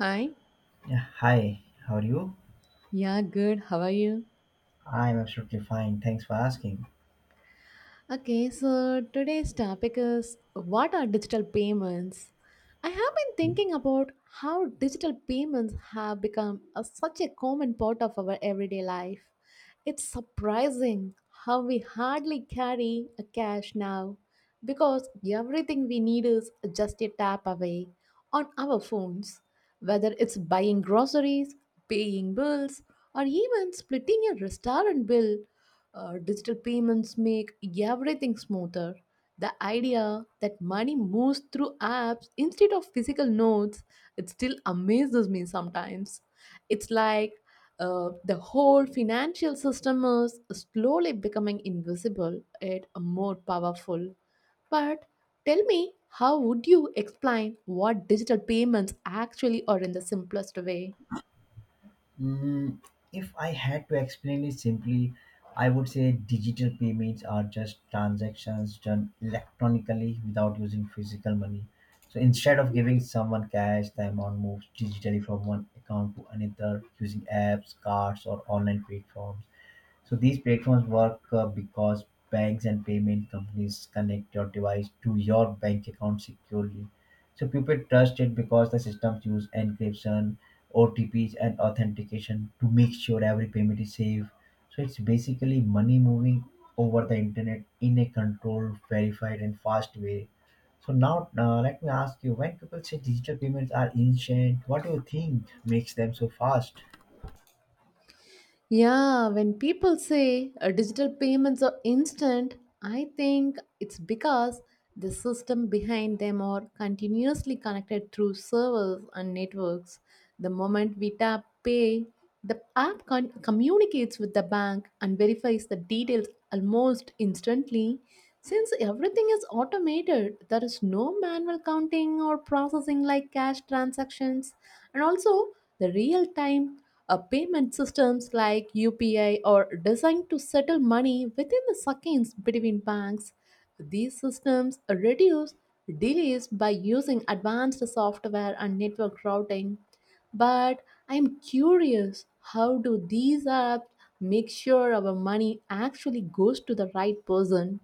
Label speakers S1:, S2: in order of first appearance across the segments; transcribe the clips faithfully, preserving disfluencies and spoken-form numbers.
S1: Hi.
S2: Yeah, hi, how are you?
S1: Yeah, good. How are you?
S2: I'm absolutely fine. Thanks for asking.
S1: Okay, so today's topic is, what are digital payments? I have been thinking about how digital payments have become a, such a common part of our everyday life. It's surprising how we hardly carry a cash now, because everything we need is just a tap away on our phones, whether it's buying groceries, paying bills, or even splitting a restaurant bill uh, Digital payments make everything smoother. The idea that money moves through apps instead of physical notes, it still amazes me sometimes. It's like uh, the whole financial system is slowly becoming invisible yet more powerful. But tell me, how would you explain what digital payments actually are in the simplest way?
S2: Mm, if I had to explain it simply, I would say digital payments are just transactions done electronically without using physical money. So instead of giving someone cash, the amount moves digitally from one account to another using apps, cards, or online platforms. So these platforms work uh, because banks and payment companies connect your device to your bank account securely. So people trust it because the systems use encryption, O T Ps, and authentication to make sure every payment is safe. So it's basically money moving over the internet in a controlled, verified, and fast way. So now, uh, let me ask you: when people say digital payments are ancient, what do you think makes them so fast?
S1: Yeah, when people say uh, digital payments are instant, I think it's because the system behind them are continuously connected through servers and networks. The moment we tap pay, the app con- communicates with the bank and verifies the details almost instantly, since everything is automated, there is no manual counting or processing like cash transactions, and also the real time uh, payment systems like U P I are designed to settle money within the seconds between banks. These systems reduce delays by using advanced software and network routing. But I am curious, how do these apps make sure our money actually goes to the right person?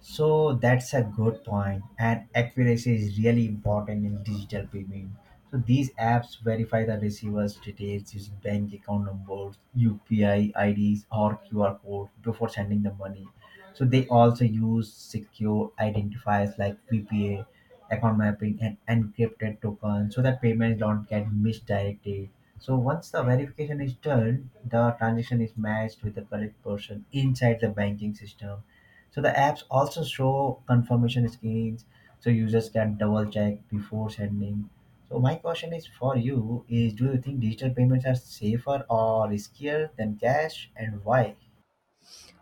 S2: So that's a good point, and accuracy is really important in digital payment. So these apps verify the receiver's details using bank account numbers, U P I I Ds, or Q R code before sending the money. So they also use secure identifiers like V P A, account mapping, and encrypted tokens so that payments don't get misdirected. So once the verification is done, the transaction is matched with the correct person inside the banking system. So the apps also show confirmation screens so users can double check before sending. So my question is for you is, do you think digital payments are safer or riskier than cash, and why?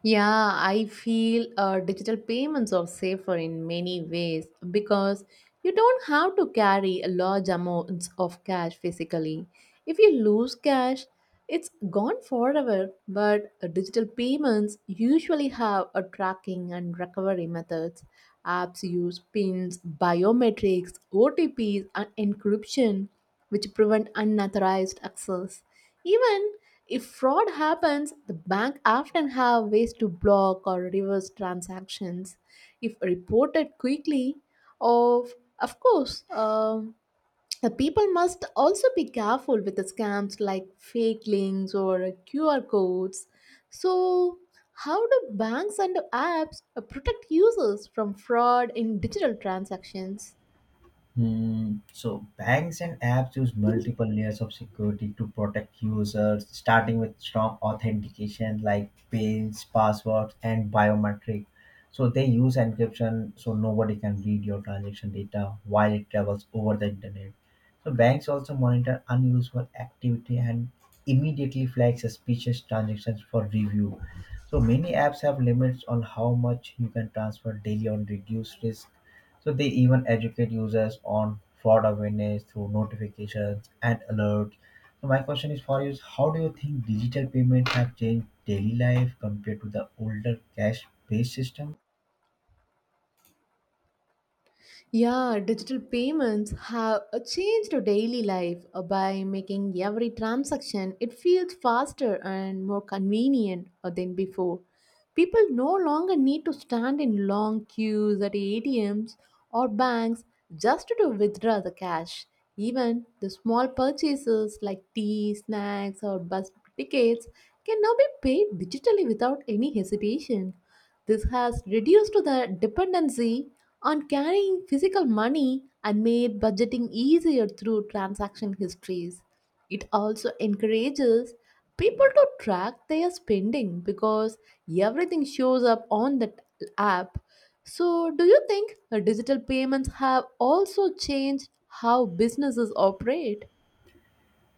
S1: Yeah, I feel uh, digital payments are safer in many ways, because you don't have to carry large amounts of cash physically. If you lose cash, it's gone forever, but uh, digital payments usually have a tracking and recovery methods. Apps use pins, biometrics, O T Ps, and encryption, which prevent unauthorized access. Even if fraud happens, the bank often have ways to block or reverse transactions if reported quickly. Of of course, um, the people must also be careful with the scams like fake links or Q R codes. So, how do banks and apps protect users from fraud in digital transactions?
S2: Hmm, so banks and apps use multiple layers of security to protect users, starting with strong authentication like pins, passwords, and biometric. So they use encryption so nobody can read your transaction data while it travels over the internet. So banks also monitor unusual activity and immediately flag suspicious transactions for review. So many apps have limits on how much you can transfer daily on reduced risk, so they even educate users on fraud awareness through notifications and alerts. So my question is for you is, how do you think digital payments have changed daily life compared to the older cash-based system?
S1: Yeah, digital payments have uh, changed our daily life uh, by making every transaction it feels faster and more convenient uh, than before. People no longer need to stand in long queues at A T Ms or banks just to withdraw the cash. Even the small purchases like tea, snacks, or bus tickets can now be paid digitally without any hesitation. This has reduced the dependency on carrying physical money and made budgeting easier through transaction histories. It also encourages people to track their spending because everything shows up on the app. So, do you think uh, digital payments have also changed how businesses operate?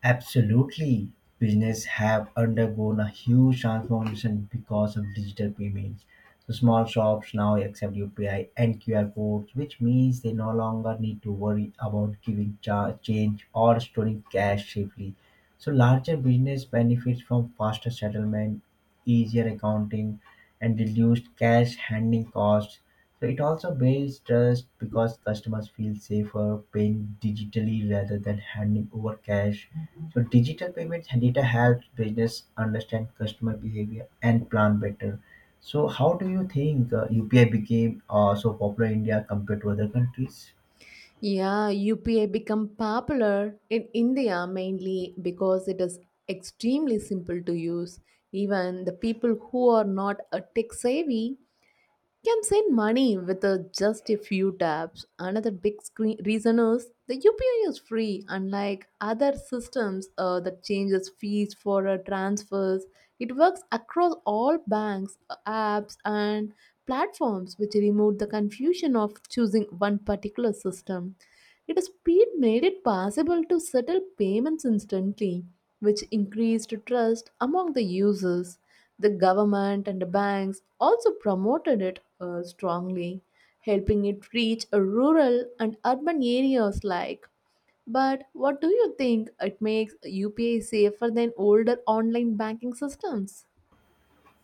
S2: Absolutely. Business have undergone a huge transformation because of digital payments. So small shops now accept U P I and Q R codes, which means they no longer need to worry about giving cha- change or storing cash safely. So larger business benefits from faster settlement, easier accounting, and reduced cash handling costs. So it also builds trust because customers feel safer paying digitally rather than handing over cash. So digital payments and data helps business understand customer behavior and plan better. So how do you think uh, U P I became uh, so popular in India compared to other countries?
S1: Yeah, U P I become popular in India mainly because it is extremely simple to use. Even the people who are not uh, tech savvy can send money with uh, just a few taps. Another big screen reason is the U P I is free, unlike other systems uh, that changes fees for uh, transfers. It works across all banks, uh, apps, and platforms, which remove the confusion of choosing one particular system. Its speed made it possible to settle payments instantly, which increased trust among the users. The government and the banks also promoted it uh, strongly, helping it reach uh, rural and urban areas like. But what do you think it makes U P I safer than older online banking systems?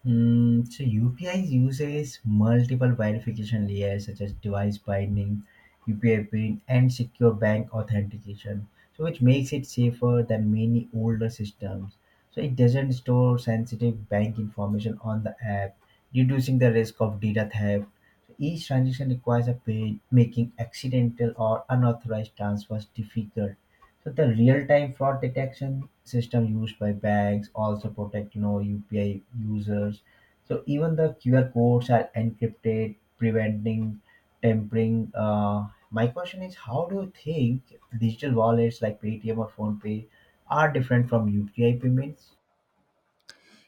S2: Mm, so U P I uses multiple verification layers such as device binding, U P I pin, and secure bank authentication, so which makes it safer than many older systems. So it doesn't store sensitive bank information on the app, reducing the risk of data theft. So each transaction requires a pin, making accidental or unauthorized transfers difficult. So the real-time fraud detection system used by banks also protect you know U P I users. So even the Q R codes are encrypted, preventing tampering. Uh, my question is, how do you think digital wallets like Paytm or PhonePe are different from U P I payments?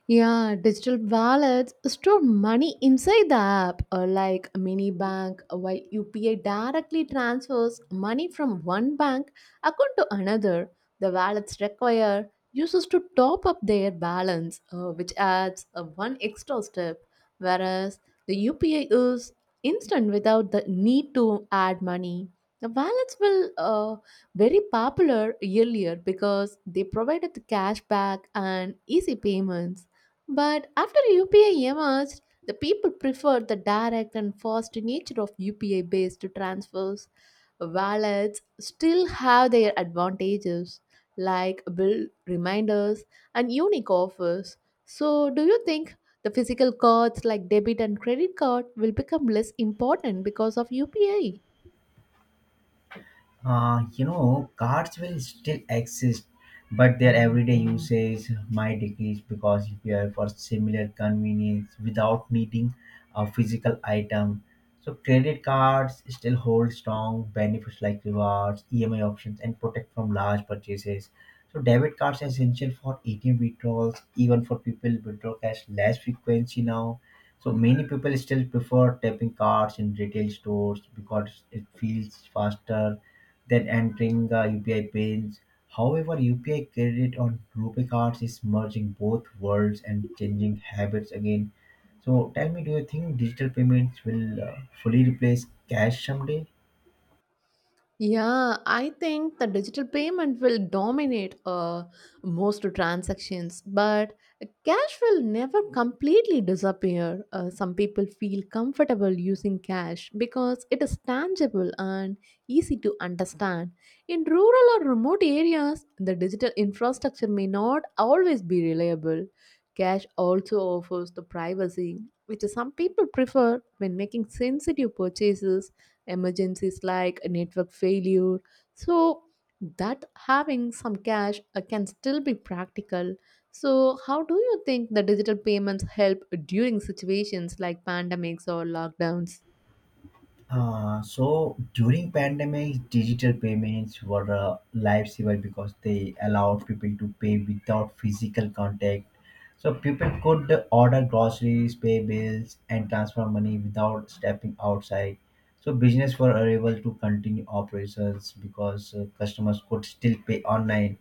S1: Yeah, digital wallets store money inside the app, uh, like a mini bank, while U P I directly transfers money from one bank account to another. The wallets require users to top up their balance, uh, which adds uh, one extra step, whereas the U P I is instant without the need to add money. The wallets will uh, very popular earlier because they provided the cash back and easy payments, but after U P I emerged, the people preferred the direct and fast nature of U P I based transfers. Wallets still have their advantages, like bill reminders and unique offers. So, do you think the physical cards like debit and credit card will become less important because of U P I?
S2: Uh, you know, cards will still exist, but their everyday usage might decrease because we are for similar convenience without needing a physical item. So credit cards still hold strong benefits like rewards, E M I options, and protect from large purchases. So debit cards are essential for A T M withdrawals, even for people withdraw cash less frequency now. So many people still prefer tapping cards in retail stores because it feels faster then entering the U P I pins. However, U P I credit on Rupee cards is merging both worlds and changing habits again. So, tell me, do you think digital payments will uh, fully replace cash someday?
S1: Yeah, I think the digital payment will dominate uh, most transactions, but cash will never completely disappear. Uh, some people feel comfortable using cash because it is tangible and easy to understand. In rural or remote areas, the digital infrastructure may not always be reliable. Cash also offers the privacy, which some people prefer when making sensitive purchases, emergencies like a network failure. So that having some cash uh, can still be practical. So how do you think the digital payments help during situations like pandemics or lockdowns?
S2: Uh, so during pandemics, digital payments were a lifesaver because they allowed people to pay without physical contact. So people could order groceries, pay bills, and transfer money without stepping outside. So business were able to continue operations because uh, customers could still pay online.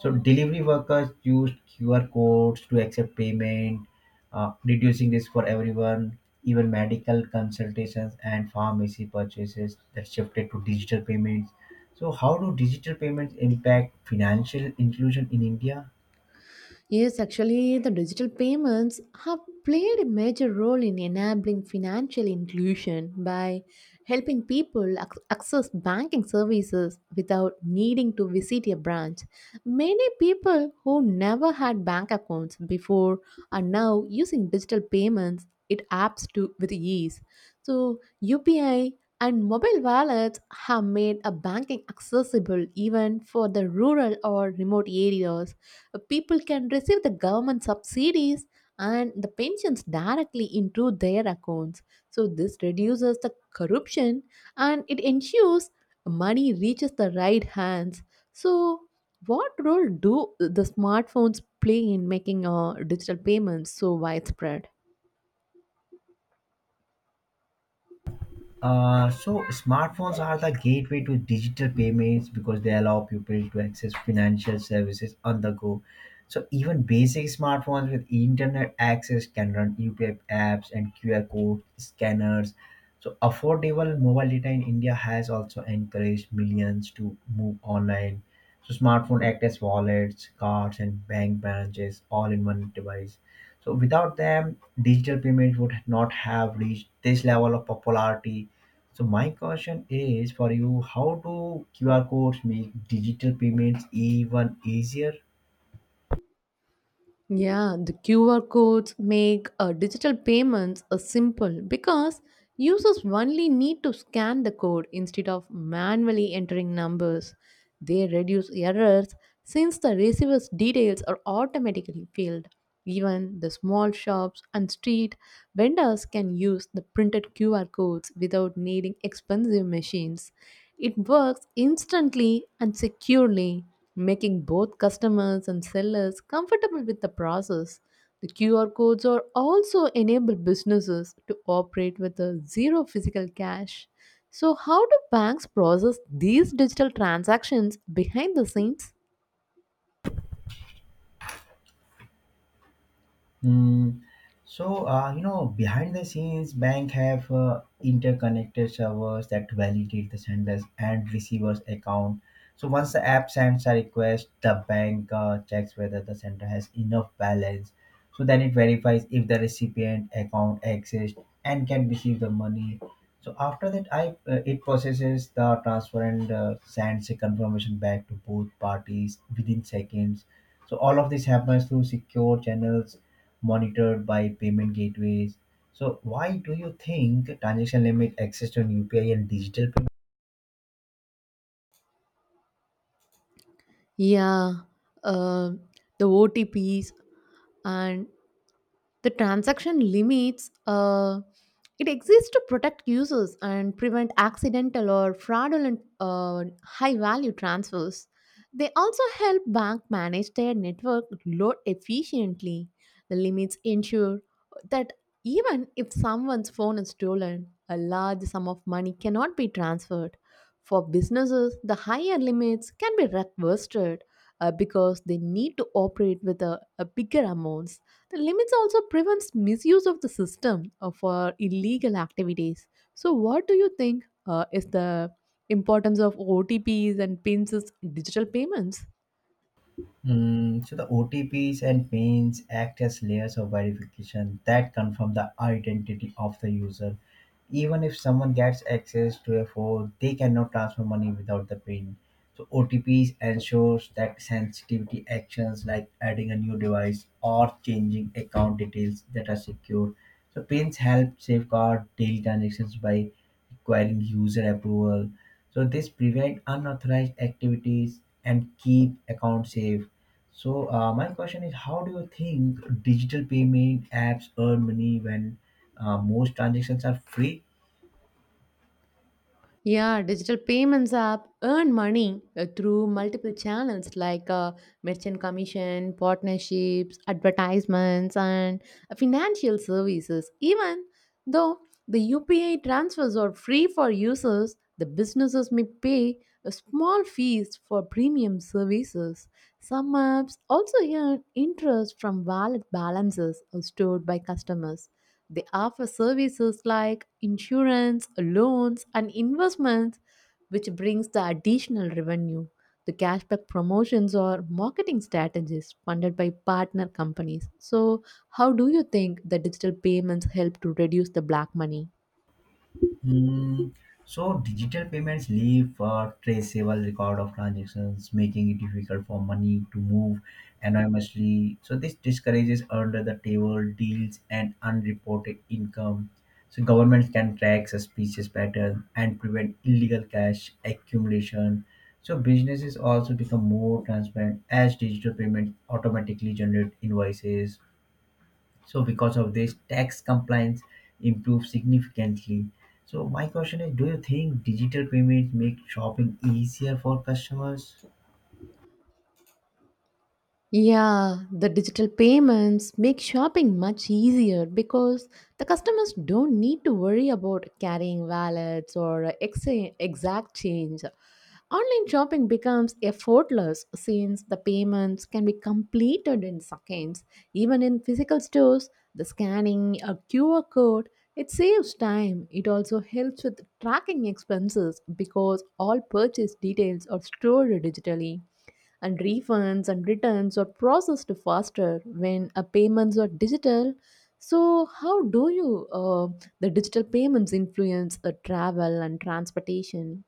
S2: So delivery workers used Q R codes to accept payment, uh, reducing risk for everyone. Even medical consultations and pharmacy purchases that shifted to digital payments. So how do digital payments impact financial inclusion in India?
S1: Yes, actually, the digital payments have played a major role in enabling financial inclusion by helping people ac- access banking services without needing to visit a branch. Many people who never had bank accounts before are now using digital payments it apps to with ease. So U P I and mobile wallets have made a banking accessible even for the rural or remote areas. Uh, people can receive the government subsidies and the pensions directly into their accounts. So, this reduces the corruption and it ensures money reaches the right hands. So, what role do the smartphones play in making uh, digital payments so widespread?
S2: Uh, so smartphones are the gateway to digital payments because they allow people to access financial services on the go. So even basic smartphones with internet access can run U P I apps and Q R code scanners. So affordable mobile data in India has also encouraged millions to move online. So smartphone act as wallets, cards, and bank branches all in one device. So without them, digital payments would not have reached this level of popularity. So my question is for you: how do Q R codes make digital payments even easier?
S1: Yeah, the Q R codes make uh, digital payments uh, simple because users only need to scan the code instead of manually entering numbers. They reduce errors since the receiver's details are automatically filled. Even the small shops and street vendors can use the printed Q R codes without needing expensive machines. It works instantly and securely, making both customers and sellers comfortable with the process. The Q R codes are also enable businesses to operate with a zero physical cash. So how do banks process these digital transactions behind the scenes?
S2: Mm, so uh, you know, behind the scenes, bank have uh, interconnected servers that validate the senders and receivers account. So once the app sends a request, the bank uh, checks whether the sender has enough balance. So then it verifies if the recipient account exists and can receive the money. So after that, I uh, it processes the transfer and uh, sends a confirmation back to both parties within seconds. So all of this happens through secure channels monitored by payment gateways. So why do you think transaction limit access to U P I and digital?
S1: Yeah, uh, the O T Ps and the transaction limits uh, it exists to protect users and prevent accidental or fraudulent uh, high value transfers. They also help bank manage their network load efficiently. The limits ensure that even if someone's phone is stolen, a large sum of money cannot be transferred. For businesses, the higher limits can be requested uh, because they need to operate with a, a bigger amounts, the limits also prevents misuse of the system uh, for illegal activities. So, what do you think uh, is the importance of O T Ps and PINs as digital payments?
S2: Mm, so the O T Ps and PINs act as layers of verification that confirm the identity of the user. Even if someone gets access to a phone, they cannot transfer money without the PIN. So O T Ps ensures that sensitivity actions like adding a new device or changing account details that are secure. So PINs help safeguard daily transactions by requiring user approval. So this prevent unauthorized activities and keep accounts safe. So uh, my question is, how do you think digital payment apps earn money when uh, most transactions are free?
S1: Yeah, digital payments app earn money uh, through multiple channels like uh, merchant commission, partnerships, advertisements, and uh, financial services. Even though the U P I transfers are free for users, the businesses may pay a small fees for premium services. Some apps also earn interest from wallet balances stored by customers. They offer services like insurance, loans, and investments, which brings the additional revenue. The cashback promotions or marketing strategies funded by partner companies. So, how do you think the digital payments help to reduce the black money?
S2: Hmm. So digital payments leave a traceable record of transactions, making it difficult for money to move anonymously. So this discourages under-the-table deals and unreported income. So governments can track suspicious patterns and prevent illegal cash accumulation. So businesses also become more transparent as digital payments automatically generate invoices, so because of this, tax compliance improves significantly. So my question is, do you think digital payments make shopping easier for customers?
S1: Yeah, the digital payments make shopping much easier because the customers don't need to worry about carrying wallets or exa- exact change. Online shopping becomes effortless since the payments can be completed in seconds. Even in physical stores, the scanning a Q R code it saves time. It also helps with tracking expenses because all purchase details are stored digitally, and refunds and returns are processed faster when uh, payments are digital. So how do you uh, the digital payments influence uh, travel and transportation?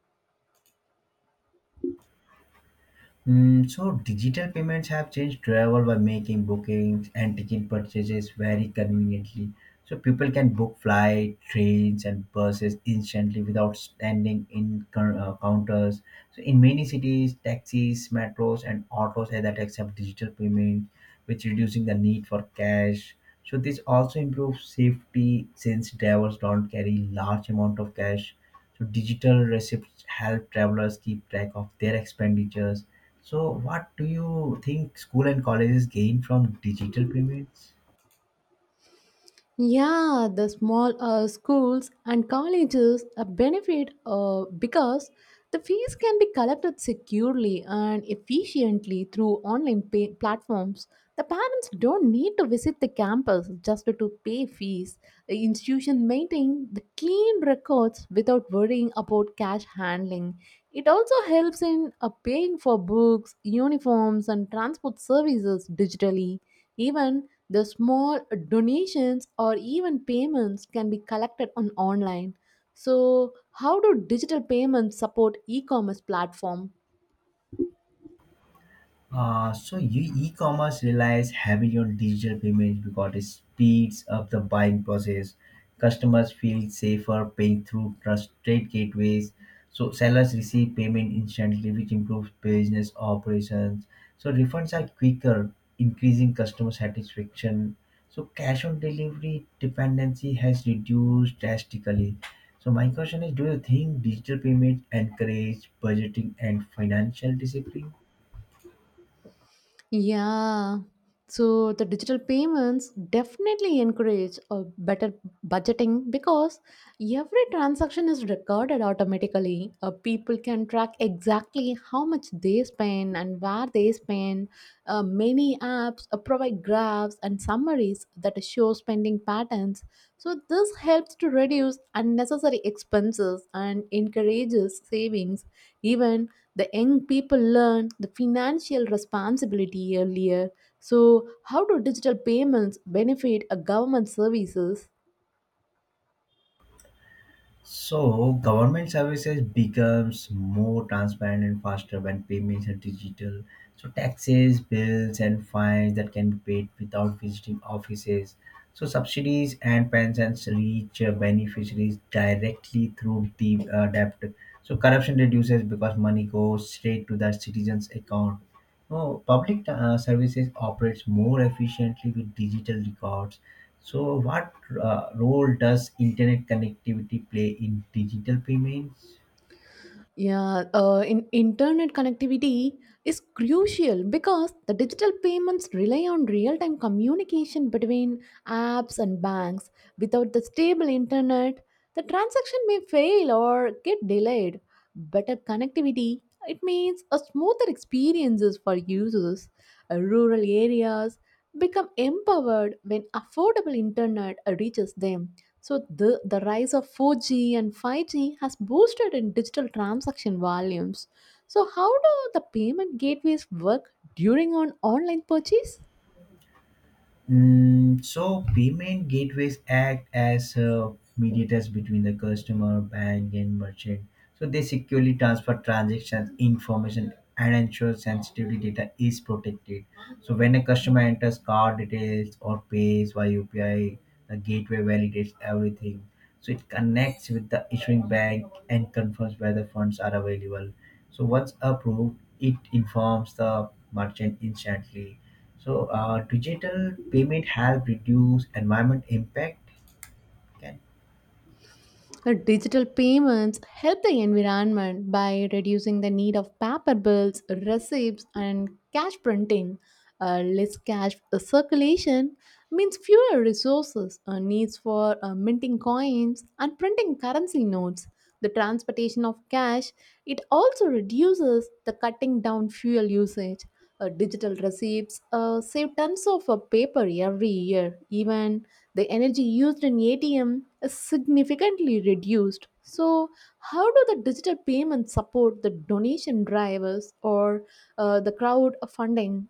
S2: Mm, so digital payments have changed travel by making bookings and ticket purchases very conveniently. So people can book flight, trains, and buses instantly without standing in coun- uh, counters. So in many cities, taxis, metros, and autos that accept digital payment, which reducing the need for cash. So this also improves safety since drivers don't carry large amount of cash. So digital receipts help travelers keep track of their expenditures. So what do you think school and colleges gain from digital payments?
S1: Yeah, the small uh, schools and colleges uh, benefit uh, because the fees can be collected securely and efficiently through online pay platforms. The parents don't need to visit the campus just to pay fees. The institution maintain the clean records without worrying about cash handling. It also helps in uh, paying for books, uniforms, and transport services digitally, even the small donations or even payments can be collected on online. So, how do digital payments support e-commerce platform?
S2: Uh, so you E-commerce relies heavily on digital payments because it speeds up the buying process. Customers feel safer paying through trusted gateways. So sellers receive payment instantly, which improves business operations. So refunds are quicker, increasing customer satisfaction. So cash on delivery dependency has reduced drastically. So my question is, do you think digital payments encourage budgeting and financial discipline?
S1: Yeah. So the digital payments definitely encourage a better budgeting because every transaction is recorded automatically. Uh, people can track exactly how much they spend and where they spend. Uh, many apps uh, provide graphs and summaries that show spending patterns. So this helps to reduce unnecessary expenses and encourages savings. Even the young people learn the financial responsibility earlier. So how do digital payments benefit a government services?
S2: So government services becomes more transparent and faster when payments are digital. So taxes, bills, and fines that can be paid without visiting offices. So subsidies and pensions reach uh, beneficiaries directly through the uh, debt. So corruption reduces because money goes straight to the citizens' account. So public uh, services operates more efficiently with digital records. So what uh, role does internet connectivity play in digital payments?
S1: Yeah, uh, in internet connectivity is crucial because the digital payments rely on real time communication between apps and banks. Without the stable internet, the transaction may fail or get delayed. Better connectivity, it means a smoother experiences for users. Uh, rural areas become empowered when affordable internet reaches them. So the, the rise of four G and five G has boosted in digital transaction volumes. So how do the payment gateways work during an online purchase?
S2: Mm, so payment gateways act as uh, mediators between the customer, bank, and merchant. So they securely transfer transactions, information, and ensure sensitive data is protected. So when a customer enters card details or pays via U P I, the gateway validates everything. So it connects with the issuing bank and confirms whether funds are available. So once approved, it informs the merchant instantly. So uh, digital payment help reduce environment impact. Can?
S1: Digital payments help the environment by reducing the need of paper bills, receipts, and cash printing. Uh, less cash circulation means fewer resources uh, needs for uh, minting coins and printing currency notes. The transportation of cash, it also reduces the cutting down fuel usage. Uh, digital receipts uh, save tons of uh, paper every year, even the energy used in A T M is significantly reduced. So, how do the digital payments support the donation drivers or uh, the crowd funding?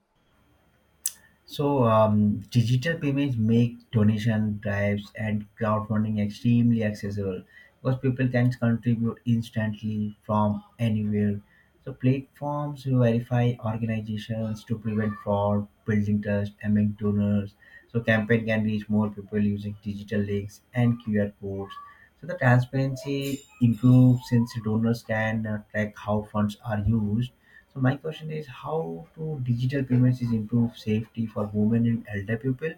S2: So, um, digital payments make donation, drives, and crowdfunding extremely accessible because people can contribute instantly from anywhere. So platforms verify organizations to prevent fraud, building trust among donors. So campaign can reach more people using digital links and Q R codes. So the transparency improves since donors can uh, track how funds are used. So my question is, how do digital payments is improve safety for women and elder people?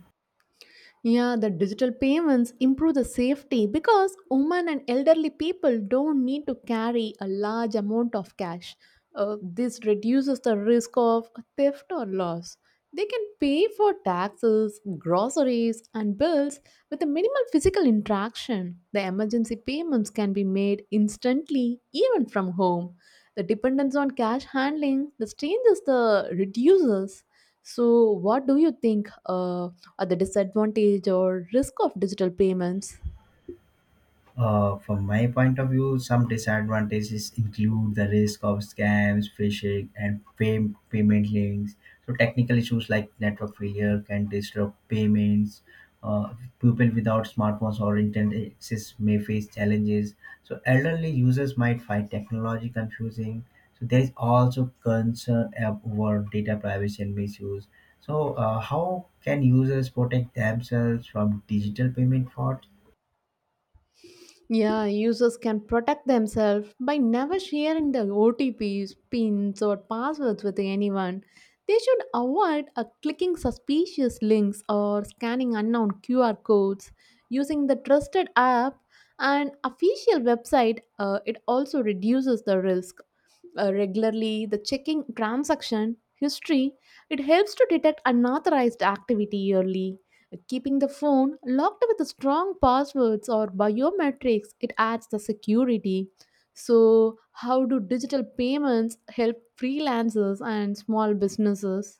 S1: Yeah, the digital payments improve the safety because women and elderly people don't need to carry a large amount of cash. Uh, this reduces the risk of theft or loss. They can pay for taxes, groceries, and bills with a minimal physical interaction. The emergency payments can be made instantly, even from home. The dependence on cash handling, the changes the reduces. So, what do you think? Uh, or the disadvantage or risk of digital payments.
S2: Uh, from my point of view, some disadvantages include the risk of scams, phishing, and pay- payment links. So technical issues like network failure can disrupt payments. Uh, People without smartphones or internet access may face challenges. So elderly users might find technology confusing. So there is also concern ab- over data privacy and misuse. So, uh, how can users protect themselves from digital payment fraud?
S1: Yeah, users can protect themselves by never sharing their O T Ps, PINs, or passwords with anyone. They should avoid uh, clicking suspicious links or scanning unknown Q R codes, using the trusted app and official website. Uh, it also reduces the risk. Uh, regularly the checking transaction history, it helps to detect unauthorized activity early. Keeping the phone locked with strong passwords or biometrics, it adds the security. So how do digital payments help freelancers and small businesses?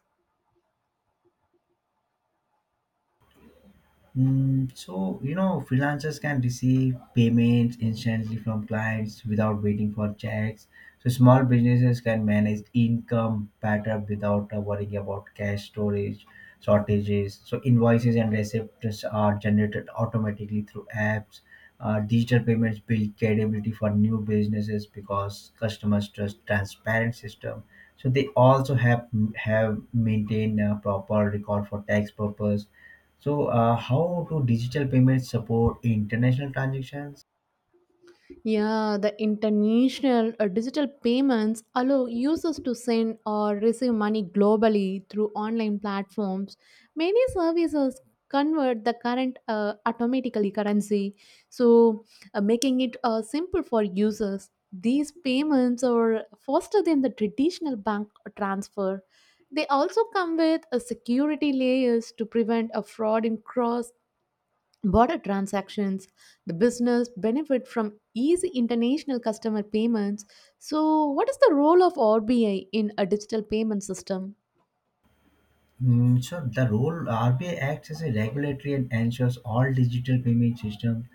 S2: Mm, so, you know, freelancers can receive payments instantly from clients without waiting for checks. So small businesses can manage income better without uh, worrying about cash storage shortages. So invoices and receipts are generated automatically through apps. Uh, digital payments build credibility for new businesses because customers trust transparent system. So they also have have maintained a proper record for tax purpose. So, uh, how do digital payments support international transactions?
S1: Yeah, the international uh, digital payments allow users to send or receive money globally through online platforms. Many services convert the current uh, automatically currency, so uh, making it uh, simple for users. These payments are faster than the traditional bank transfer. They also come with a security layers to prevent a fraud in cross border transactions, the business benefit from easy international customer payments. So, what is the role of R B I in a digital payment system?
S2: Mm, so the role R B I acts as a regulatory and ensures all digital payment systems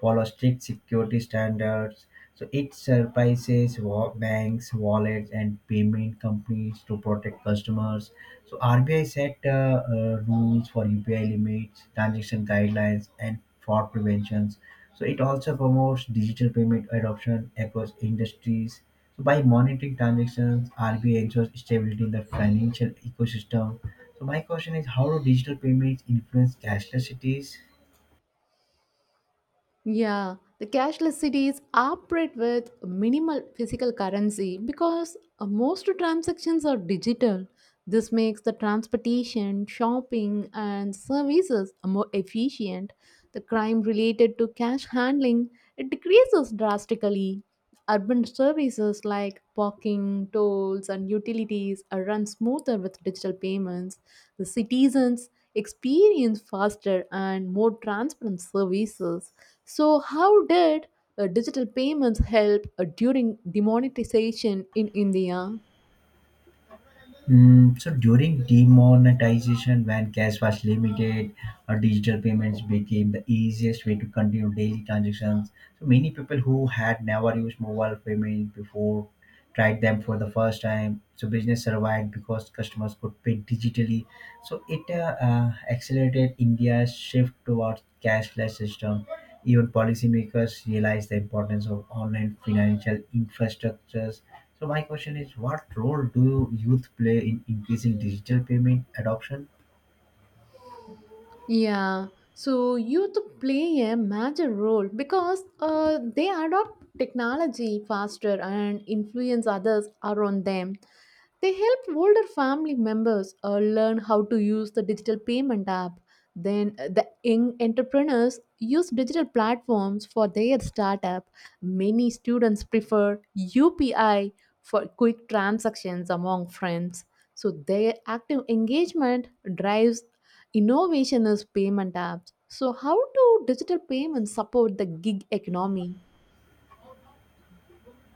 S2: follow strict security standards. So it supervises wa- banks, wallets, and payment companies to protect customers. So R B I set uh, uh, rules for U P I limits, transaction guidelines, and fraud preventions. So it also promotes digital payment adoption across industries. So by monitoring transactions, R B I ensures stability in the financial ecosystem. So my question is, how do digital payments influence cashless cities?
S1: Yeah, the cashless cities operate with minimal physical currency because uh, most transactions are digital. This makes the transportation, shopping, and services more efficient. The crime related to cash handling, it decreases drastically. Urban services like parking, tolls, and utilities are run smoother with digital payments. The citizens experience faster and more transparent services. So, how did uh, digital payments help uh, during demonetization in India?
S2: Hmm, so during demonetization, when cash was limited, or digital payments became the easiest way to continue daily transactions. So many people who had never used mobile payment before tried them for the first time. So business survived because customers could pay digitally. So it uh, uh, accelerated India's shift towards cashless system. Even policymakers realize the importance of online financial infrastructures. So my question is, what role do youth play in increasing digital payment adoption?
S1: Yeah, so youth play a major role because uh, they adopt technology faster and influence others around them. They help older family members uh, learn how to use the digital payment app. Then uh, the young entrepreneurs use digital platforms for their startup. Many students prefer U P I for quick transactions among friends. So their active engagement drives innovation as payment apps. So how do digital payments support the gig economy?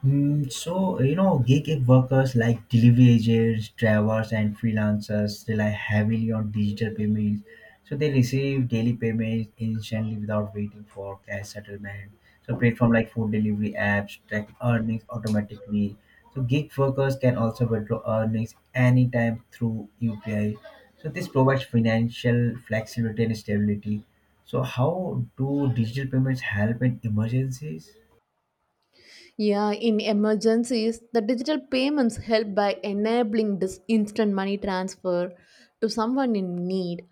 S2: Mm, so, you know, gig gig workers like delivery agents, drivers, and freelancers rely heavily on digital payments. So they receive daily payments instantly without waiting for cash settlement. So platform like food delivery apps track earnings automatically. So gig workers can also withdraw earnings anytime through U P I. So this provides financial flexibility and stability. So how do digital payments help in emergencies?
S1: Yeah, in emergencies, the digital payments help by enabling this instant money transfer to someone in need.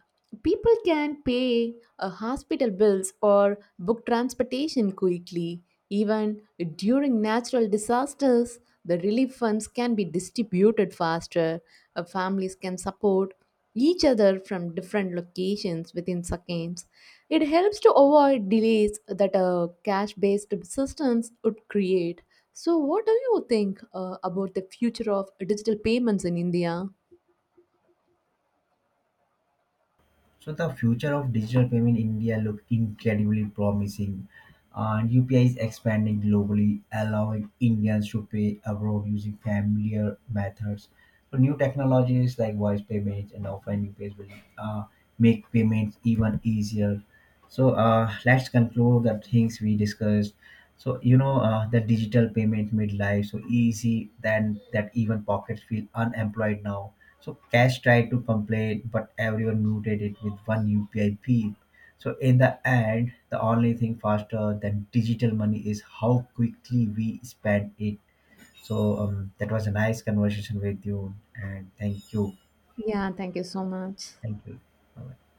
S1: People can pay uh, hospital bills or book transportation quickly. Even during natural disasters, the relief funds can be distributed faster. Uh, families can support each other from different locations within seconds. It helps to avoid delays that uh, cash based systems would create. So, what do you think uh, about the future of digital payments in India?
S2: So the future of digital payment in India look incredibly promising. And U P I is expanding globally, allowing Indians to pay abroad using familiar methods. So new technologies like voice payments and offline U P Is will uh, make payments even easier. So uh, let's conclude the things we discussed. So you know uh, the digital payment midlife so easy then that even pockets feel unemployed now. So cash tried to complain, but everyone muted it with one U P I beep. So in the end, the only thing faster than digital money is how quickly we spend it. So um, that was a nice conversation with you, and thank you,
S1: Yeah, thank you so much.
S2: thank you. Bye.